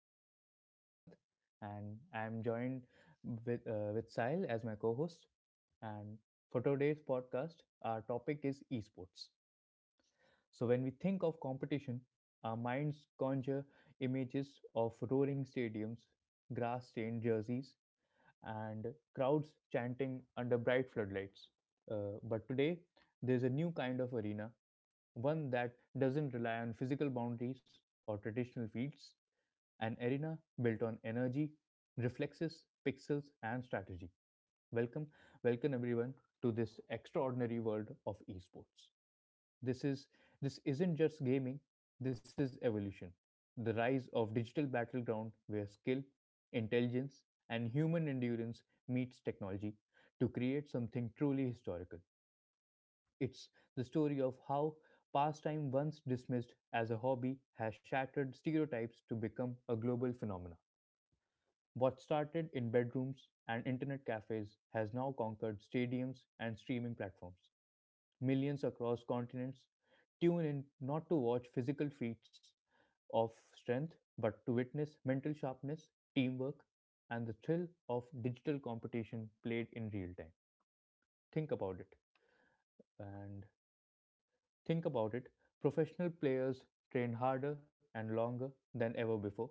this is your host Siddhant, and I'm joined with Sahil as my co-host. And for today's podcast, our topic is esports. So when we think of competition, our minds conjure images of roaring stadiums, grass-stained jerseys, and crowds chanting under bright floodlights. But today, there's a new kind of arena, one that doesn't rely on physical boundaries or traditional fields, an arena built on energy, reflexes, pixels, and strategy. Welcome, welcome, everyone, to this extraordinary world of esports. This is this isn't just gaming, this is evolution. The rise of digital battleground where skill, intelligence, and human endurance meets technology to create something truly historical. It's the story of how pastime once dismissed as a hobby has shattered stereotypes to become a global phenomenon. What started in bedrooms and internet cafes has now conquered stadiums and streaming platforms. Millions across continents tune in not to watch physical feats of strength, but to witness mental sharpness, teamwork, and the thrill of digital competition played in real time. Think about it. And think about it Professional players train harder and longer than ever before.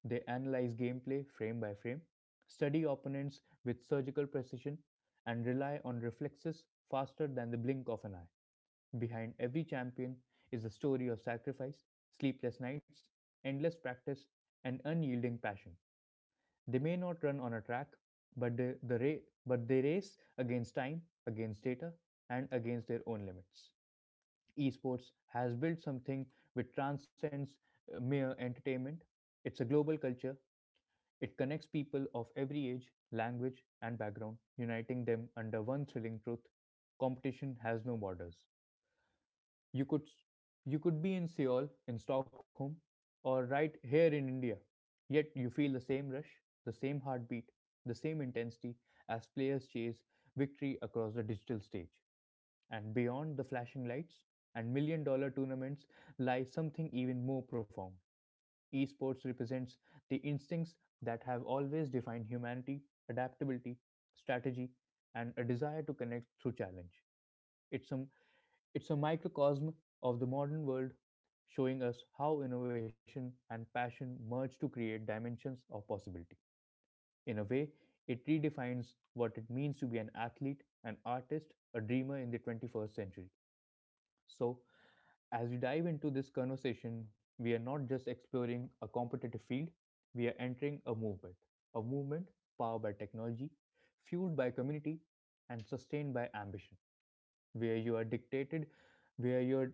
They analyze gameplay frame by frame, study opponents with surgical precision, and rely on reflexes faster than the blink of an eye. Behind every champion is the story of sacrifice, sleepless nights, endless practice, and unyielding passion. They may not run on a track, but but they race against time, against data, and against their own limits. Esports has built something which transcends mere entertainment. It's a global culture. It connects people of every age, language, and background, uniting them under one thrilling truth: competition has no borders. You could you could be in Seoul, in Stockholm, or right here in India, yet you feel the same rush, the same heartbeat, the same intensity as players chase victory across the digital stage. And beyond the flashing lights and million dollar tournaments lies something even more profound. Esports represents the instincts that have always defined humanity, adaptability, strategy, and a desire to connect through challenge. It's some. It's a microcosm of the modern world, showing us how innovation and passion merge to create dimensions of possibility. In a way, it redefines what it means to be an athlete, an artist, a dreamer in the 21st century. So, as we dive into this conversation, we are not just exploring a competitive field, we are entering a movement. A movement powered by technology, fueled by community, and sustained by ambition, where you're a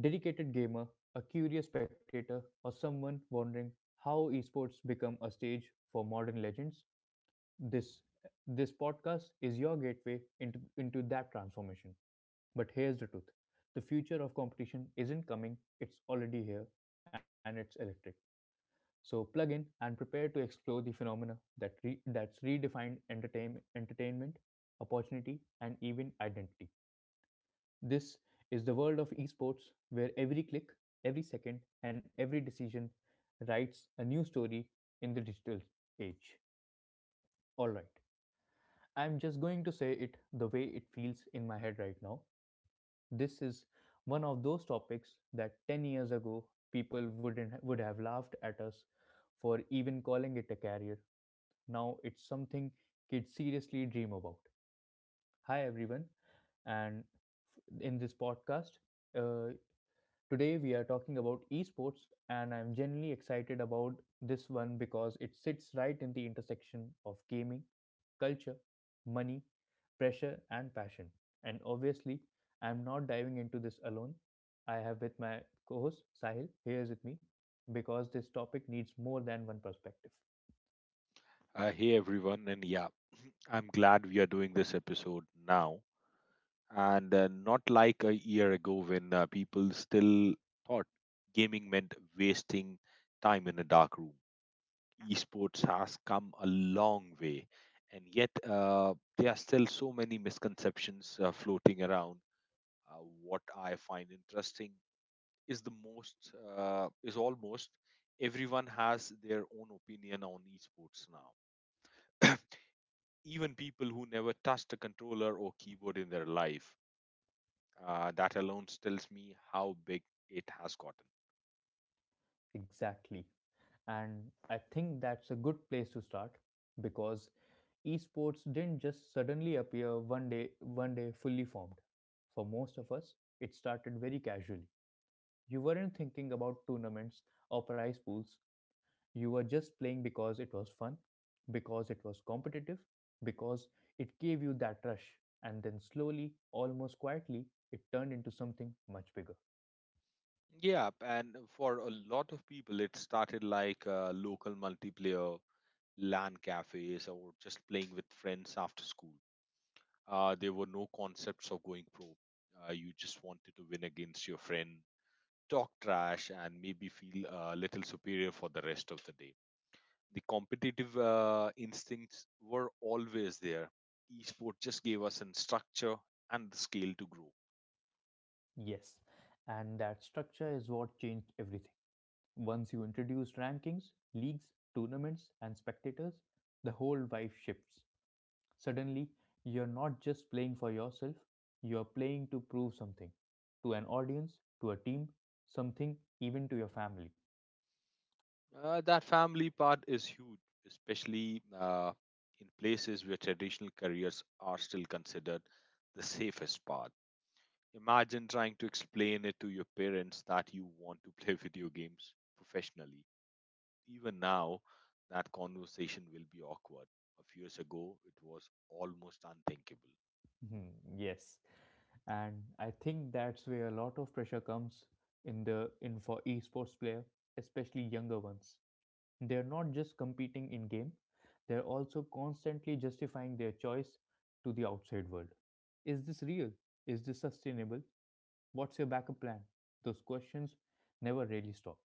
dedicated gamer, a curious spectator, or someone wondering how esports become a stage for modern legends. This this podcast is your gateway into that transformation. But here's the truth: the future of competition isn't coming, it's already here, and it's electric. So plug in and prepare to explore the phenomena that that's redefined entertainment, opportunity, and even identity. This is the world of esports where every click, every second, and every decision writes a new story in the digital age. All right. I'm just going to say it the way it feels in my head right now. This is one of those topics that 10 years ago people wouldn't would have laughed at us for even calling it a career. Now it's something kids seriously dream about. Hi everyone, and in this podcast, uh, today we are talking about esports, and I'm genuinely excited about this one because it sits right in the intersection of gaming, culture, money, pressure, and passion. And obviously, I'm not diving into this alone. I have with my co host Sahil here is with me because this topic needs more than one perspective. Hey everyone, and yeah, I'm glad we are doing this episode now and not like a year ago when people still thought gaming meant wasting time in a dark room. Esports has come a long way, and yet there are still so many misconceptions floating around. What I find interesting is the most is almost everyone has their own opinion on esports now. Even people who never touched a controller or keyboard in their life. That alone tells me how big it has gotten. Exactly. And I think that's a good place to start because esports didn't just suddenly appear one day fully formed. For most of us, it started very casually. You weren't thinking about tournaments or prize pools. You were just playing because it was fun, because it was competitive, because it gave you that rush. And then slowly, almost quietly, it turned into something much bigger. Yeah, and for a lot of people, it started like local multiplayer, LAN cafes, or just playing with friends after school. There were no concepts of going pro. You just wanted to win against your friend, talk trash, and maybe feel a little superior for the rest of the day. The competitive instincts were always there. Esport just gave us an structure and the scale to grow. Yes, and that structure is what changed everything. Once you introduce rankings, leagues, tournaments, and spectators, the whole vibe shifts. Suddenly, you're not just playing for yourself, you're playing to prove something to an audience, to a team, something even to your family. That family part is huge, especially in places where traditional careers are still considered the safest path. Imagine trying to explain it to your parents that you want to play video games professionally. Even now, that conversation will be awkward. A few years ago, it was almost unthinkable. Mhm, yes, and I think that's where a lot of pressure comes in, the in for esports player, especially younger ones. They're not just competing in game, they're also constantly justifying their choice to the outside world. Is this real? Is this sustainable? What's your backup plan? Those questions never really stop.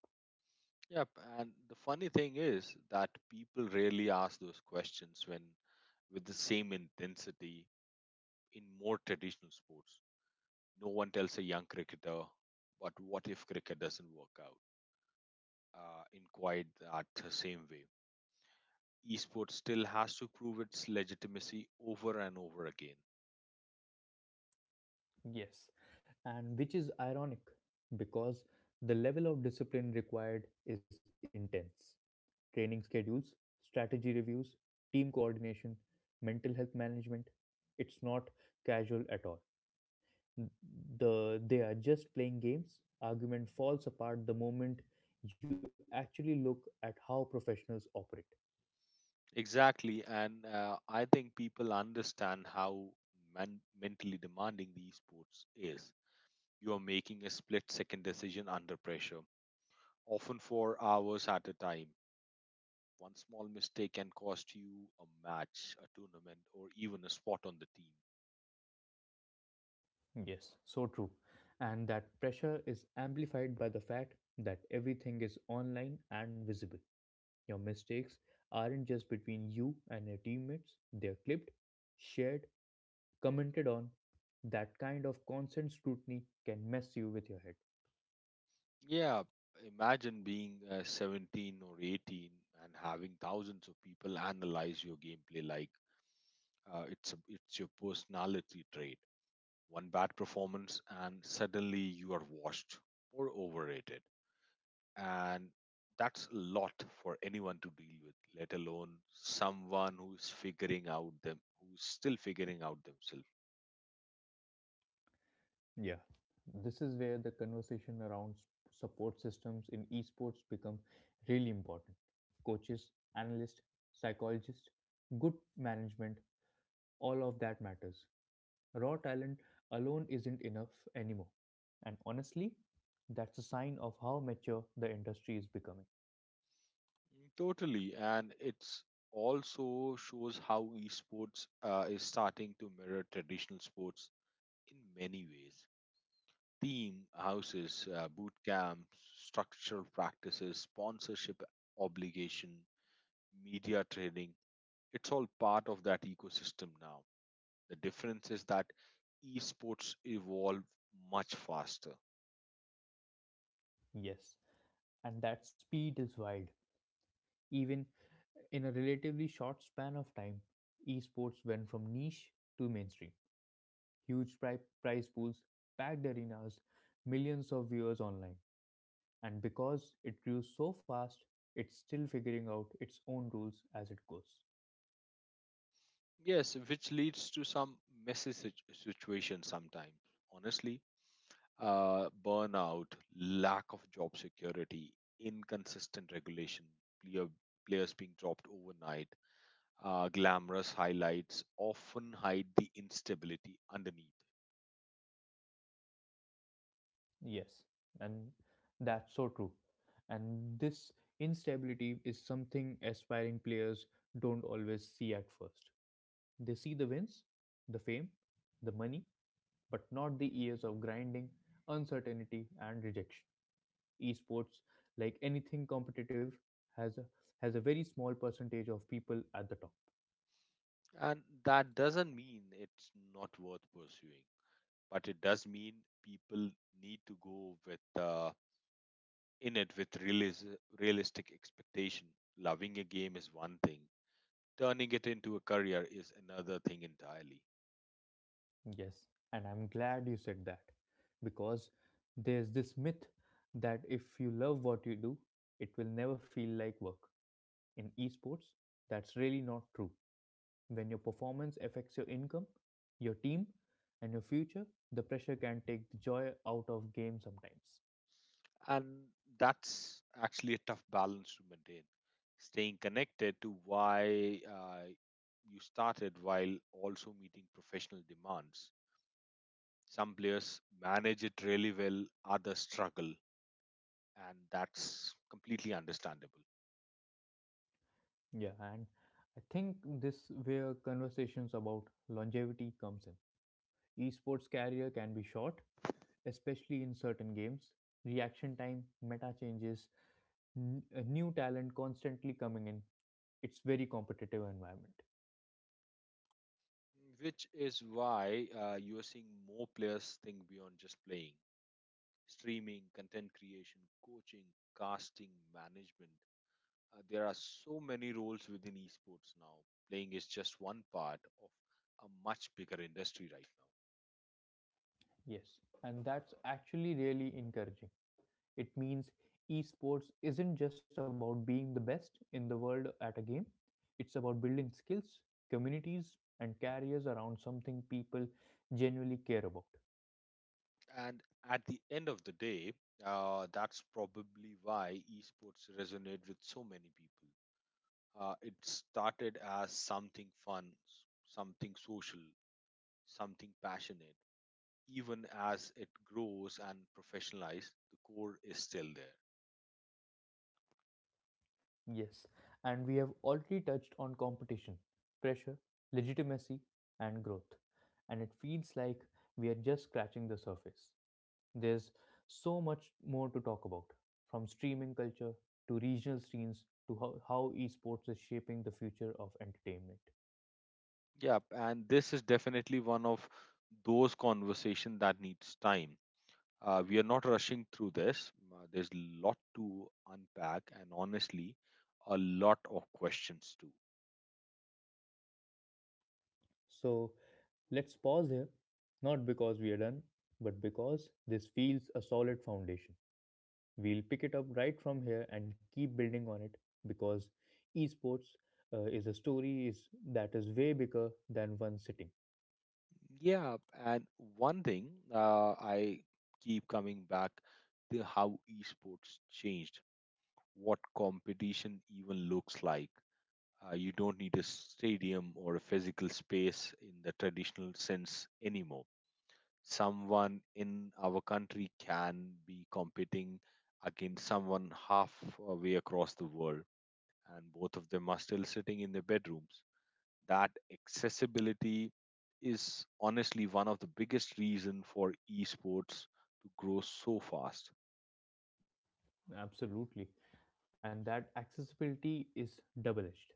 Yep, and the funny thing is that people rarely ask those questions when with the same intensity in more traditional sports. No one tells a young cricketer, but what if cricket doesn't work out in quite that same way? Esports still has to prove its legitimacy over and over again. Yes, and which is ironic because the level of discipline required is intense. Training schedules, strategy reviews, team coordination, mental health management. It's not casual at all. The they are just playing games argument falls apart the moment you actually look at how professionals operate. Exactly, and I think people understand how mentally demanding the esports is. You are making a split second decision under pressure often for hours at a time. One small mistake can cost you a match, a tournament, or even a spot on the team. Yes, so true. And that pressure is amplified by the fact that everything is online and visible. Your mistakes aren't just between you and your teammates, they're clipped, shared, commented on. That kind of constant scrutiny can mess you with your head. Yeah, imagine being 17 or 18 and having thousands of people analyze your gameplay like it's your personality trait. One bad performance and suddenly you are washed or overrated. And that's a lot for anyone to deal with, let alone someone who's still figuring out themselves. Yeah, this is where the conversation around support systems in esports become really important. Coaches, analysts, psychologists, good management, all of that matters. Raw talent alone isn't enough anymore. And honestly, that's a sign of how mature the industry is becoming. Mm, totally, and it's also shows how esports is starting to mirror traditional sports in many ways: team houses, boot camps, structural practices, sponsorship obligation, media training. It's all part of that ecosystem now. The difference is that esports evolve much faster. Yes, and that speed is wild. Even in a relatively short span of time, esports went from niche to mainstream. Huge prize pools, packed arenas, millions of viewers online. And because it grew so fast, it's still figuring out its own rules as it goes. Yes, which leads to some messy situations sometimes. Honestly, burnout, lack of job security, inconsistent regulation, player, players being dropped overnight, glamorous highlights often hide the instability underneath. Yes, and that's so true. And this instability is something aspiring players don't always see at first. They see the wins, the fame, the money, but not the years of grinding, uncertainty, and rejection. Esports, like anything competitive, has a, has a very small percentage of people at the top. And that doesn't mean it's not worth pursuing, but it does mean people need to go with in it with realistic expectation. Loving a game is one thing, turning it into a career is another thing entirely. Yes, and I'm glad you said that because there's this myth that if you love what you do, it will never feel like work. In esports, that's really not true. When your performance affects your income, your team, and your future, the pressure can take the joy out of game sometimes. And that's actually a tough balance to maintain. Staying connected to why you started while also meeting professional demands. Some players manage it really well, others struggle, and that's completely understandable. Yeah, and I think this where conversations about longevity comes in. Esports career can be short, especially in certain games. Reaction time, meta changes, new talent constantly coming in. It's very competitive environment. Which is why you are seeing more players think beyond just playing: streaming, content creation, coaching, casting, management. There are so many roles within esports now. Playing is just one part of a much bigger industry right Yes, and that's actually really encouraging. It means esports isn't just about being the best in the world at a game. It's about building skills, communities, and careers around something people genuinely care about. now. And at the end of the day, that's probably why esports resonate with so many people. It started as something fun, something social, something passionate. Even as it grows and professionalized, the core is still there. Yes, and we have already touched on competition, pressure, legitimacy, and growth. And it feels like we are just scratching the surface. There's so much more to talk about, from streaming culture to regional scenes to how esports is shaping the future of entertainment. Yeah, and this is definitely one of those conversation that needs time. We are not rushing through this. There's a lot to unpack, and honestly, a lot of questions too. So let's pause here, not because we are done, but because this feels a solid foundation. We'll pick it up right from here and keep building on it because esports is a story is that is way bigger than one sitting. Yeah, and one thing I keep coming back to how esports changed, what competition even looks like. You don't need a stadium or a physical space in the traditional sense anymore. Someone in our country can be competing against someone halfway across the world, and both of them are still sitting in their bedrooms. That accessibility is honestly one of the biggest reason for esports to grow so fast. Absolutely. And that accessibility is double edged.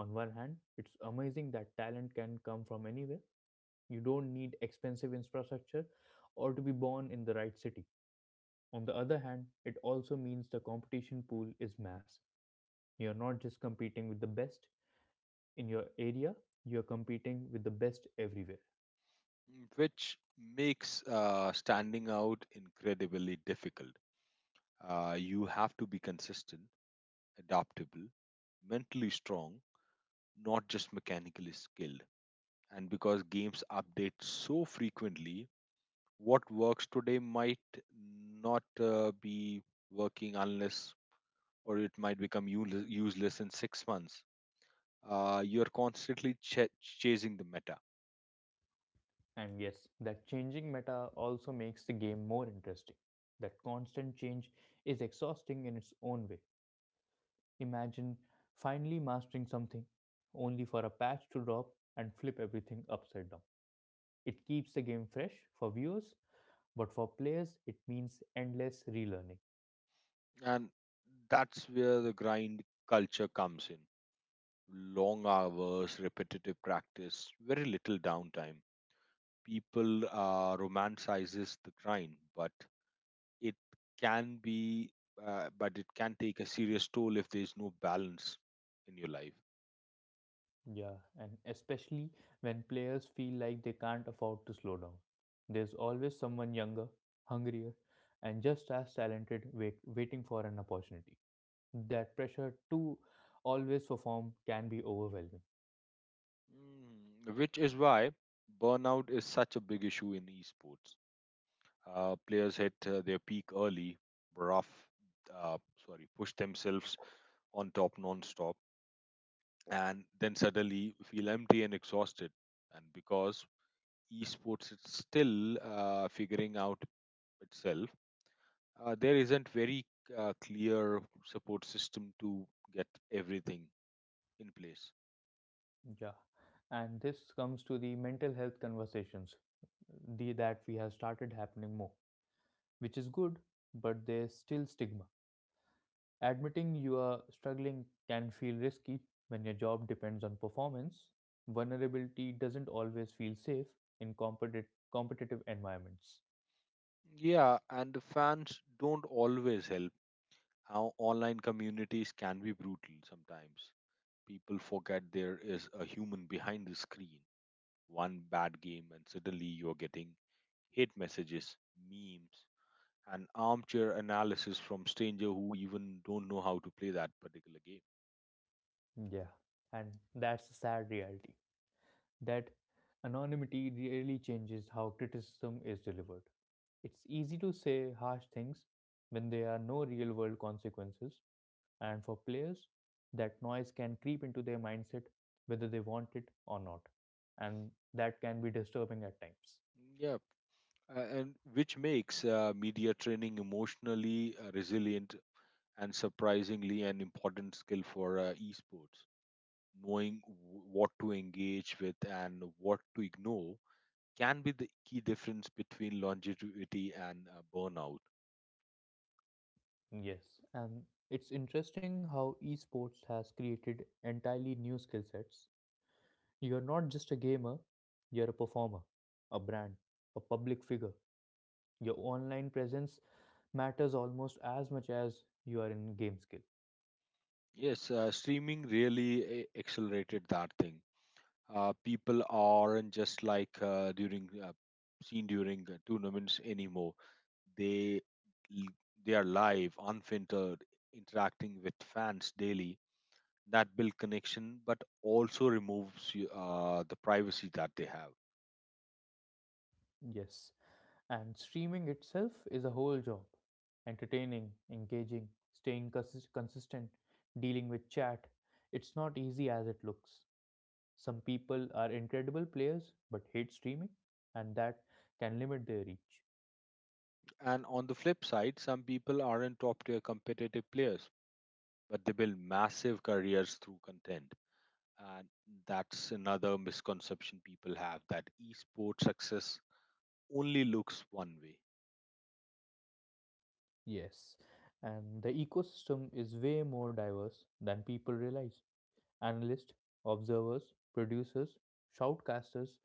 On one hand, it's amazing that talent can come from anywhere. You don't need expensive infrastructure or to be born in the right city. On the other hand, it also means the competition pool is massive. You're not just competing with the best in your area, you're competing with the best everywhere. Mm, which makes standing out incredibly difficult. You have to be consistent, adaptable, mentally strong, not just mechanically skilled. And because games update so frequently, what works today might not be working unless or it might become useless in 6 months. You're constantly chasing the meta. And yes, that changing meta also makes the game more interesting. That constant change is exhausting in its own way. Imagine finally mastering something, only for a patch to drop and flip everything upside down. It keeps the game fresh for viewers, but for players, it means endless relearning. And that's where the grind culture comes in: long hours, repetitive practice, very little downtime. People romanticizes the grind, but It can be, it can take a serious toll if there is no balance in your life. Yeah, and especially when players feel like they can't afford to slow down. There's always someone younger, hungrier, and just as talented waiting for an opportunity. That pressure to always perform can be overwhelming. Mm, which is why burnout is such a big issue in esports. Players hit their peak early, rough, uh, sorry, push themselves on top non-stop, and then suddenly feel empty and exhausted. And because esports is still figuring out itself, there isn't very clear support system to get everything in place. Yeah, and this comes to the mental health conversations the that we have started happening more, which is good, but there's still stigma. Admitting you are struggling can feel risky when your job depends on performance. Vulnerability doesn't always feel safe in competitive environments. Yeah, and the fans don't always help. Our online communities can be brutal sometimes. People forget there is a human behind the screen. One bad game and suddenly you're getting hate messages, memes, and armchair analysis from stranger who even don't know how to play that particular Yeah, and that's the sad reality that anonymity really changes how criticism is delivered. It's easy to say harsh things when there are no real world consequences, and for players, that noise can creep into their mindset whether they want it or not, and that can be disturbing at times. game. Yeah, and which makes media training emotionally resilient and surprisingly an important skill for esports. Knowing what to engage with and what to ignore can be the key difference between longevity and burnout. Yes, and it's interesting how esports has created entirely new skill sets. You're not just a gamer, you're a performer, a brand, a public figure. Your online presence matters almost as much as your in-game skill. Yes, streaming really accelerated that thing. Uh, people aren't just like during seen during tournaments anymore. They l- they are live, unfiltered, interacting with fans daily. That build connection, but also removes the privacy that they have. Yes. And streaming itself is a whole job. Entertaining, engaging, staying consistent, dealing with chat. It's not easy as it looks. Some people are incredible players but hate streaming, and that can limit their reach. And on the flip side, some people aren't top tier competitive players, but they build massive careers through content. And that's another misconception people have, that esports success only looks one way. Yes. And the ecosystem is way more diverse than people realize. Analysts, observers, producers, shoutcasters,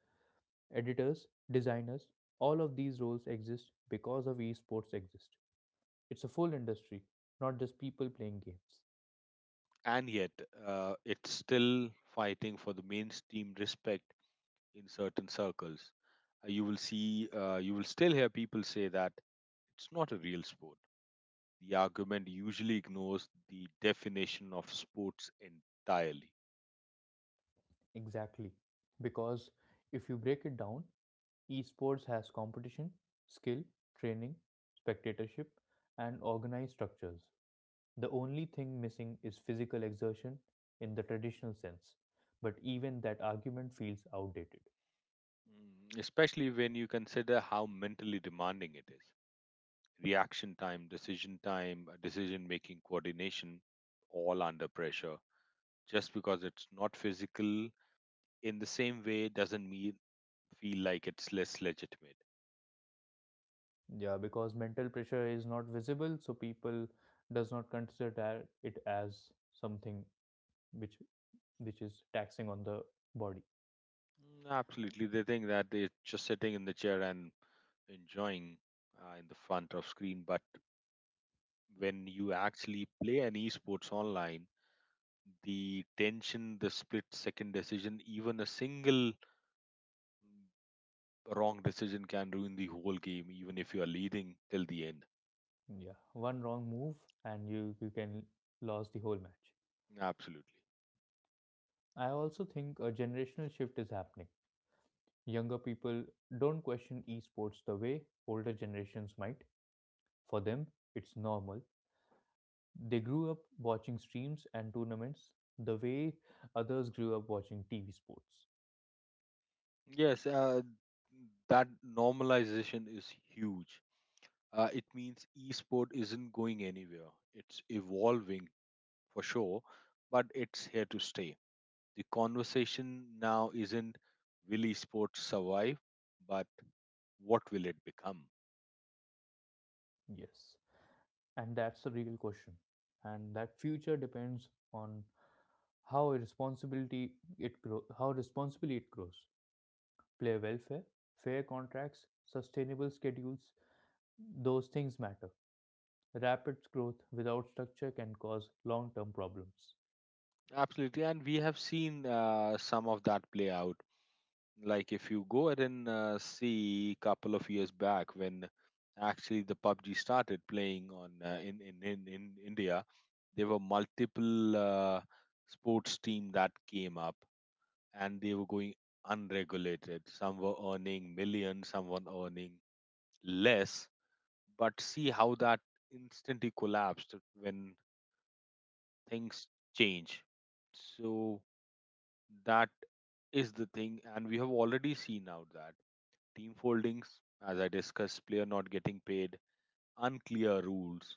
editors, designers, all of these roles exist because of esports exist. It's a full industry, not just people playing games. And yet it's still fighting for the mainstream respect in certain circles. You will still hear people say that it's not a real sport. The argument usually ignores the definition of sports entirely. Exactly. Because if you break it down, esports has competition, skill, training, spectatorship, and organized structures. The only thing missing is physical exertion in the traditional sense, but even that argument feels outdated. Mm, especially when you consider how mentally demanding it is. Reaction time, decision making, coordination, all under pressure. Just because it's not physical in the same way doesn't mean feel like it's less legitimate. Yeah, because mental pressure is not visible, so people does not consider that it as something which which is taxing on the body. Mm, absolutely, they think that they're just sitting in the chair and enjoying in the front of screen. But when you actually play an esports online, the tension, the split second decision, even a single mm, wrong decision can ruin the whole game, even if you are leading till the end. Yeah, one wrong move and you can lose the whole match. Absolutely, I also think a generational shift is happening. Younger people don't question esports the way older generations might. For them it's normal. They grew up watching streams and tournaments the way others grew up watching tv sports. yes. That normalization is huge. It means esport isn't going anywhere. It's evolving for sure, but it's here to stay. The conversation now isn't will esports survive, but what will it become? Yes. And that's the real question. And that future depends on how responsibly it grows. Player welfare, fair contracts, sustainable schedules, those things matter. Rapid growth without structure can cause long-term problems. Absolutely, and we have seen some of that play out. Like if you go ahead and see a couple of years back when actually the PUBG started playing on in India, there were multiple sports team that came up and they were going unregulated. Some were earning millions, some were earning less. But see how that instantly collapsed when things change. So that is the thing, and we have already seen out that team foldings, as I discussed, player not getting paid, unclear rules,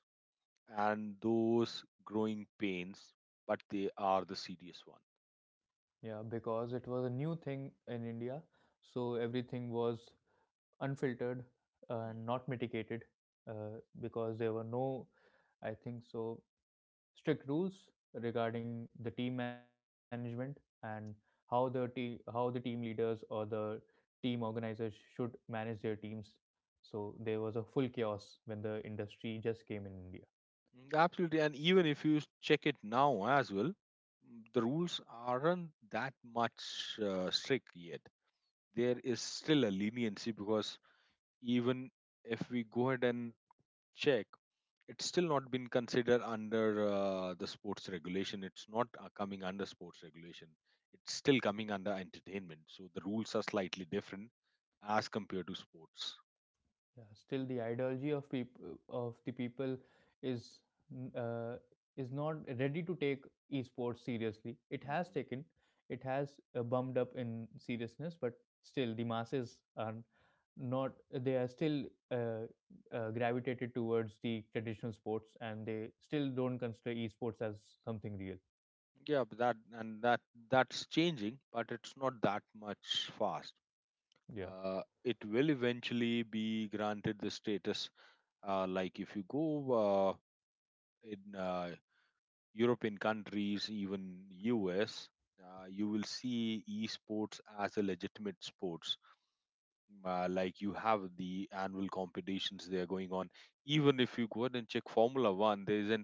and those growing pains, but they are the serious one. Yeah, because it was a new thing in India, so everything was unfiltered Hmm. and not mitigated, because there were no, I think so, strict rules regarding the team management, and how the team leaders or the team organizers should manage their teams. So there was a full chaos when the industry just came in india. Mm, absolutely. And even if you check it now as well, mm, the rules aren't that much strict yet. There is still a leniency because even if we go ahead and check, it's still not been considered under the sports regulation. It's not coming under sports regulation. It's still coming under entertainment. So the rules are slightly different as compared to sports. Yeah, still the ideology of people of the people is, uh, is not ready to take esports seriously. It has Hmm. taken, it has bumped up in seriousness, but still the masses are not, they are still, uh, gravitated towards the traditional sports, and they still don't consider esports as something real. Yeah, but that and that that's changing, but it's not that much fast. Yeah. It will eventually be granted the status. Uh, like if you go uh, in uh, European countries, even US, you will see esports as a legitimate sports. Like you have the annual competitions they are going on. Even if you go ahead and check Formula One, there is an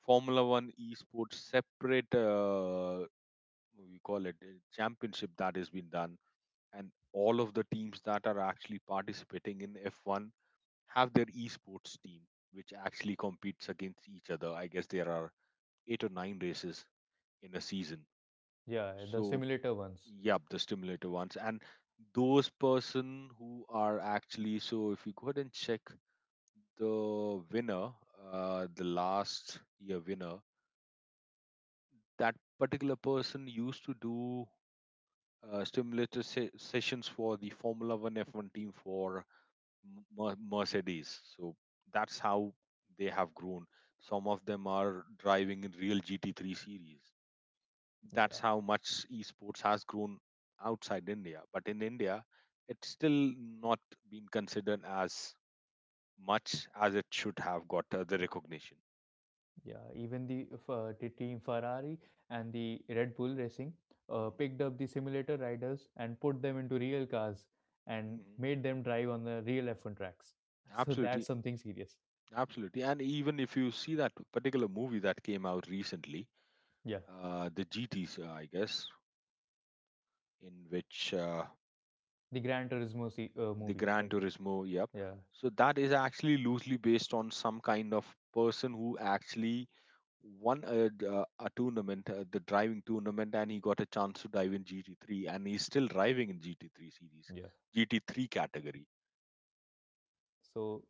Formula One esports separate. We call it a championship that has been done, and all of the teams that are actually participating in f1 have their esports team, which actually competes against each other. I guess there are eight or nine races in a season. Yeah, the So, simulator ones. yep, the stimulator ones. And those person who are actually, so if you go ahead and check the winner, the last year winner, that particular person used to do stimulator sessions for the Formula One F1 team for Mercedes. So that's how they have grown. Some of them are driving in real GT3 series. That's Yeah. how much esports has grown outside India. But in India, it's still not been considered as much as it should have got the recognition. Yeah, even the team Ferrari and the Red Bull Racing hmm picked up the simulator riders and put them into real cars and hmm made them drive on the real F1 tracks. So that's Absolutely. something serious. Absolutely. And even if you see that particular movie that came out recently, Yeah, the GTs, I guess, in which the Gran Turismo the movie, Gran right? Turismo, yep. Yeah, So that is actually loosely based on some kind of person who actually won a tournament, the driving tournament, and he got a chance to dive in GT3, and he's still driving in GT3 series, yeah. GT3 category. So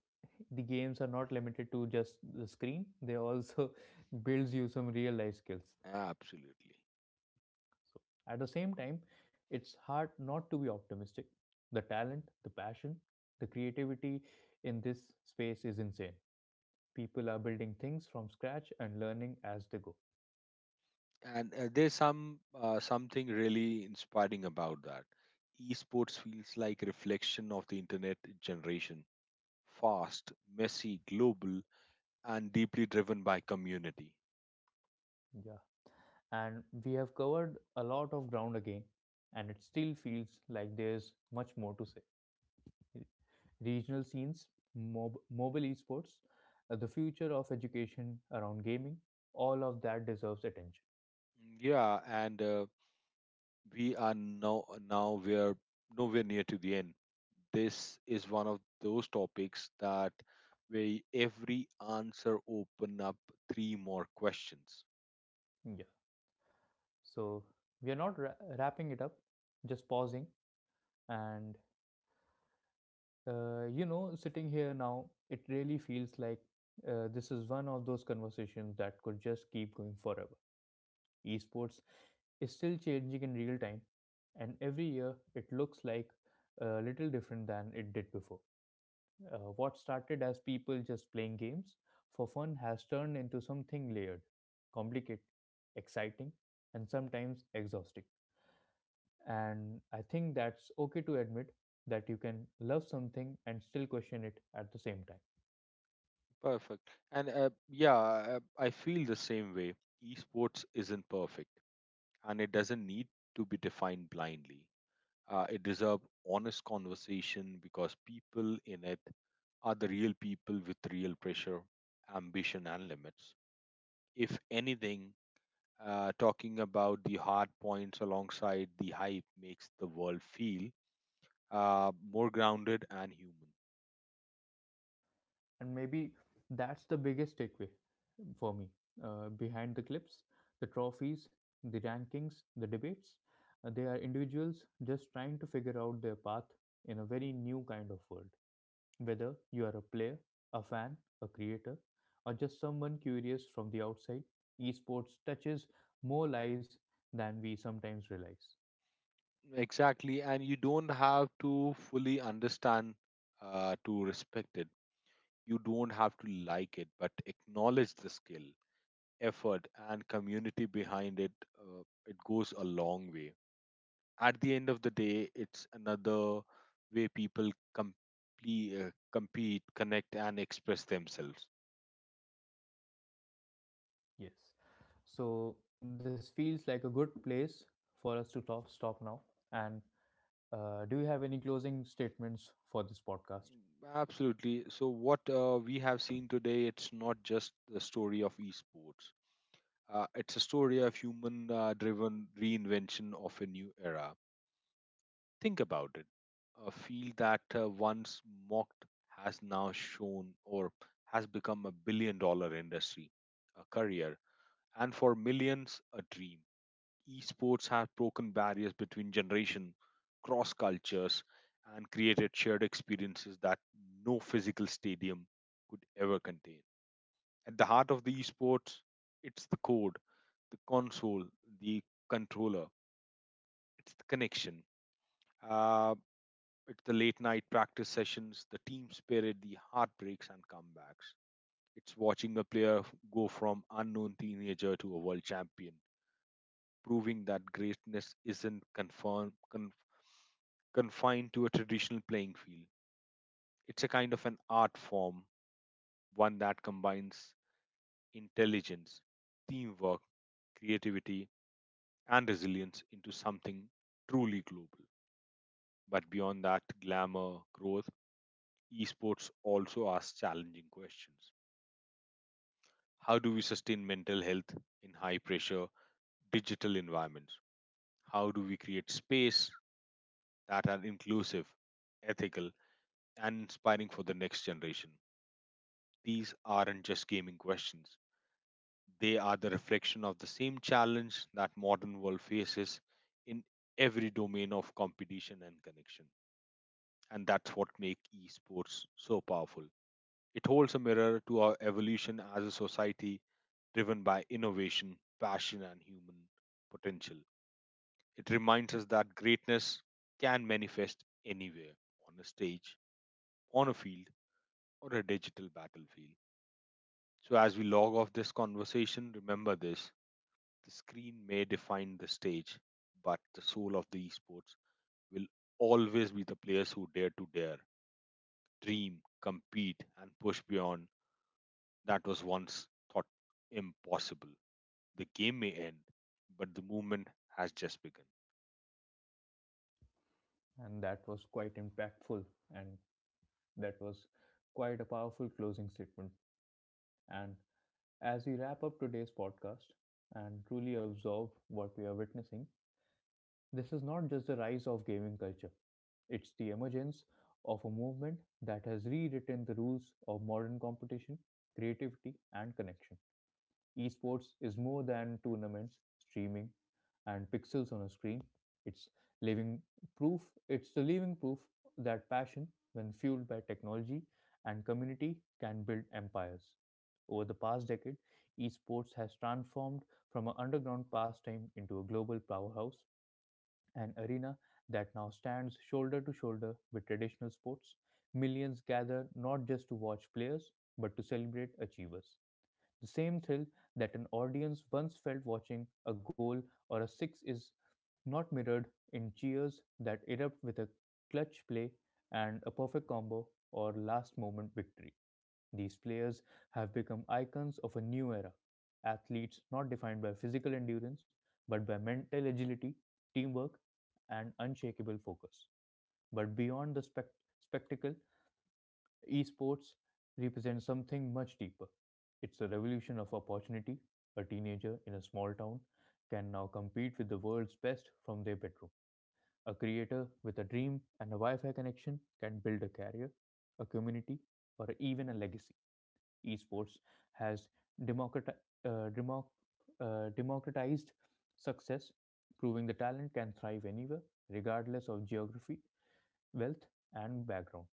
the games are not limited to just the screen; they also builds you some real life skills. Absolutely, So at the same time, it's hard not to be optimistic. The talent, the passion, the creativity in this space is insane. People are building things from scratch and learning as they go. and there's something really inspiring about that. Esports feels like reflection of the internet generation: fast, messy, global, and deeply driven by community. Yeah. And we have covered a lot of ground again, and it still feels like there's much more to say. Regional scenes, mobile esports, the future of education around gaming, all of that deserves attention. Yeah, and we're nowhere near to the end. This is one of those topics that where every answer open up three more questions. So we are not wrapping it up, just pausing. And you know, sitting here now, it really feels like this is one of those conversations that could just keep going forever. Esports is still changing in real time, and every year it looks like a little different than it did before. What started as people just playing games for fun has turned into something layered, complicated, exciting, and sometimes exhausting. And I think that's okay to admit that you can love something and still question it at the same time. Perfect. And yeah, I feel the same way. Esports isn't perfect, and it doesn't need to be defined blindly. It deserves honest conversation because people in it are the real people with real pressure, ambition, and limits. If anything, talking about the hard points alongside the hype makes the world feel more grounded and human. And maybe that's the biggest takeaway for me, behind the clips, the trophies, the rankings, the debates. They are individuals just trying to figure out their path in a very new kind of world. Whether you are a player, a fan, a creator, or just someone curious from the outside, esports touches more lives than we sometimes realize. Exactly, and you don't have to fully understand to respect it. You don't have to like it, but acknowledge the skill, effort, and community behind it. It goes a long way. At the end of the day, it's another way people compete, connect, and express themselves. Yes. So this feels like a good place for us to talk, stop now. And do you have any closing statements for this podcast? Absolutely. So what we have seen today, it's not just the story of esports. It's a story of human-driven reinvention of a new era. Think about it. A field that once mocked has now shown or has become a billion-dollar industry, a career, and for millions, a dream. Esports has broken barriers between generation, cross cultures, and created shared experiences that no physical stadium could ever contain. At the heart of the esports, it's the code, the console, the controller, it's the connection. Uh, it's the late night practice sessions, the team spirit, the heartbreaks and comebacks. It's watching a player go from unknown teenager to a world champion, proving that greatness isn't confirmed confined to a traditional playing field. It's a kind of an art form, one that combines intelligence, teamwork, creativity, and resilience into something truly global. But beyond that glamour, growth, esports also asks challenging questions. How do we sustain mental health in high pressure digital environments? How do we create space that are inclusive, ethical, and inspiring for the next generation? These aren't just gaming questions. They are the reflection of the same challenge that modern world faces in every domain of competition and connection. And that's what makes esports so powerful. It holds a mirror to our evolution as a society driven by innovation, passion, and human potential. It reminds us that greatness can manifest anywhere: on a stage, on a field, or a digital battlefield. So, as we log off this conversation, remember this: the screen may define the stage, but the soul of the esports will always be the players who dare to dare, dream, compete, and push beyond that was once thought impossible. The game may end, but the movement has just begun. And that was quite impactful. And that was quite a powerful closing statement. And as we wrap up today's podcast and truly observe what we are witnessing, this is not just the rise of gaming culture, it's the emergence of a movement that has rewritten the rules of modern competition, creativity, and connection. Esports is more than tournaments, streaming, and pixels on a screen. It's living It's the living proof that passion, when fueled by technology and community, can build empires. Over the past decade, esports has transformed from an underground pastime into a global powerhouse, an arena that now stands shoulder to shoulder with traditional sports. Millions gather not just to watch players, but to celebrate achievers. The same thrill that an audience once felt watching a goal or a six is not mirrored in cheers that erupt with a clutch play and a perfect combo or last moment victory. These players have become icons of a new era. Athletes not defined by physical endurance, but by mental agility, teamwork, and unshakable focus. But beyond the spectacle, Esports represents something much deeper. It's a revolution of opportunity. A teenager in a small town can now compete with the world's best from their bedroom. A creator with a dream and a Wi Fi connection can build a career, a community, or even a legacy. Esports has democrati- uh, democ- democratized success, proving the talent can thrive anywhere, regardless of geography, wealth, and background.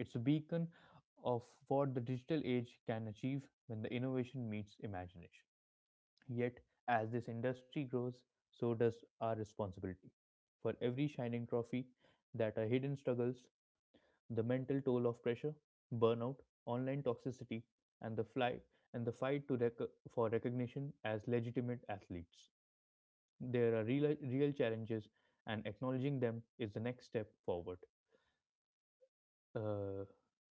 It's a beacon of what the digital age can achieve when the innovation meets imagination. Yet, as this industry grows, so does our responsibility. For every shining trophy, that are hidden struggles, the mental toll of pressure, burnout, online toxicity, and the fly and the fight to for recognition as legitimate athletes. There are real, real challenges, and acknowledging them is the next step forward. uh,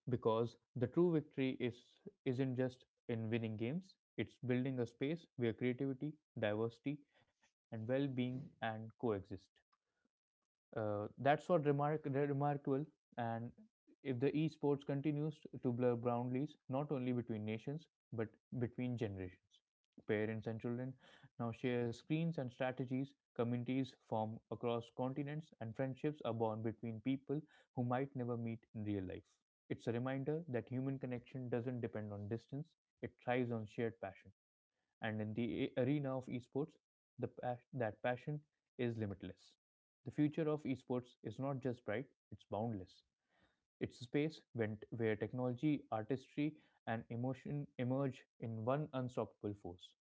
because the true victory is isn't just in winning games, it's building a space where creativity, diversity, and well-being and coexist. That's what remark remarkable. And if the esports continues to blur boundaries, not only between nations but between generations, parents and children now share screens and strategies. Communities form across continents, and friendships are born between people who might never meet in real life. It's a reminder that human connection doesn't depend on distance; it thrives on shared passion. And in the arena of esports, that passion is limitless. The future of esports is not just bright, it's boundless. It's a space where technology, artistry, and emotion emerge in one unstoppable force.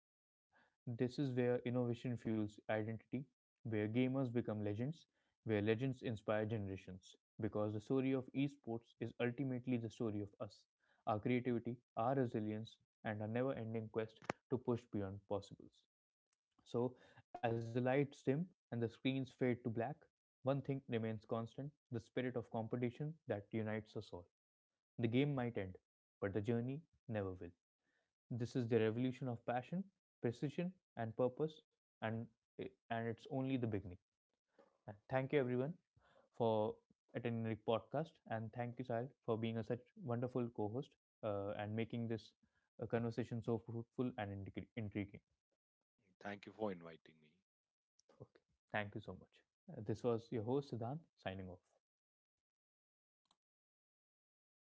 This is where innovation fuels identity, where gamers become legends, where legends inspire generations. Because the story of esports is ultimately the story of us, our creativity, our resilience, and our never ending quest to push beyond possibles. So, as the lights dim and the screens fade to black, one thing remains constant the spirit of competition that unites us all. The game might end, but the journey never will. This is the revolution of passion, precision, and purpose, and, and it's only the beginning. And thank you, everyone, for attending the podcast, and thank you, Sahil, for being a such wonderful co host and making this conversation so fruitful and intriguing. Thank you for inviting me. Okay. Thank you so much. This was your host, Siddhant, signing off.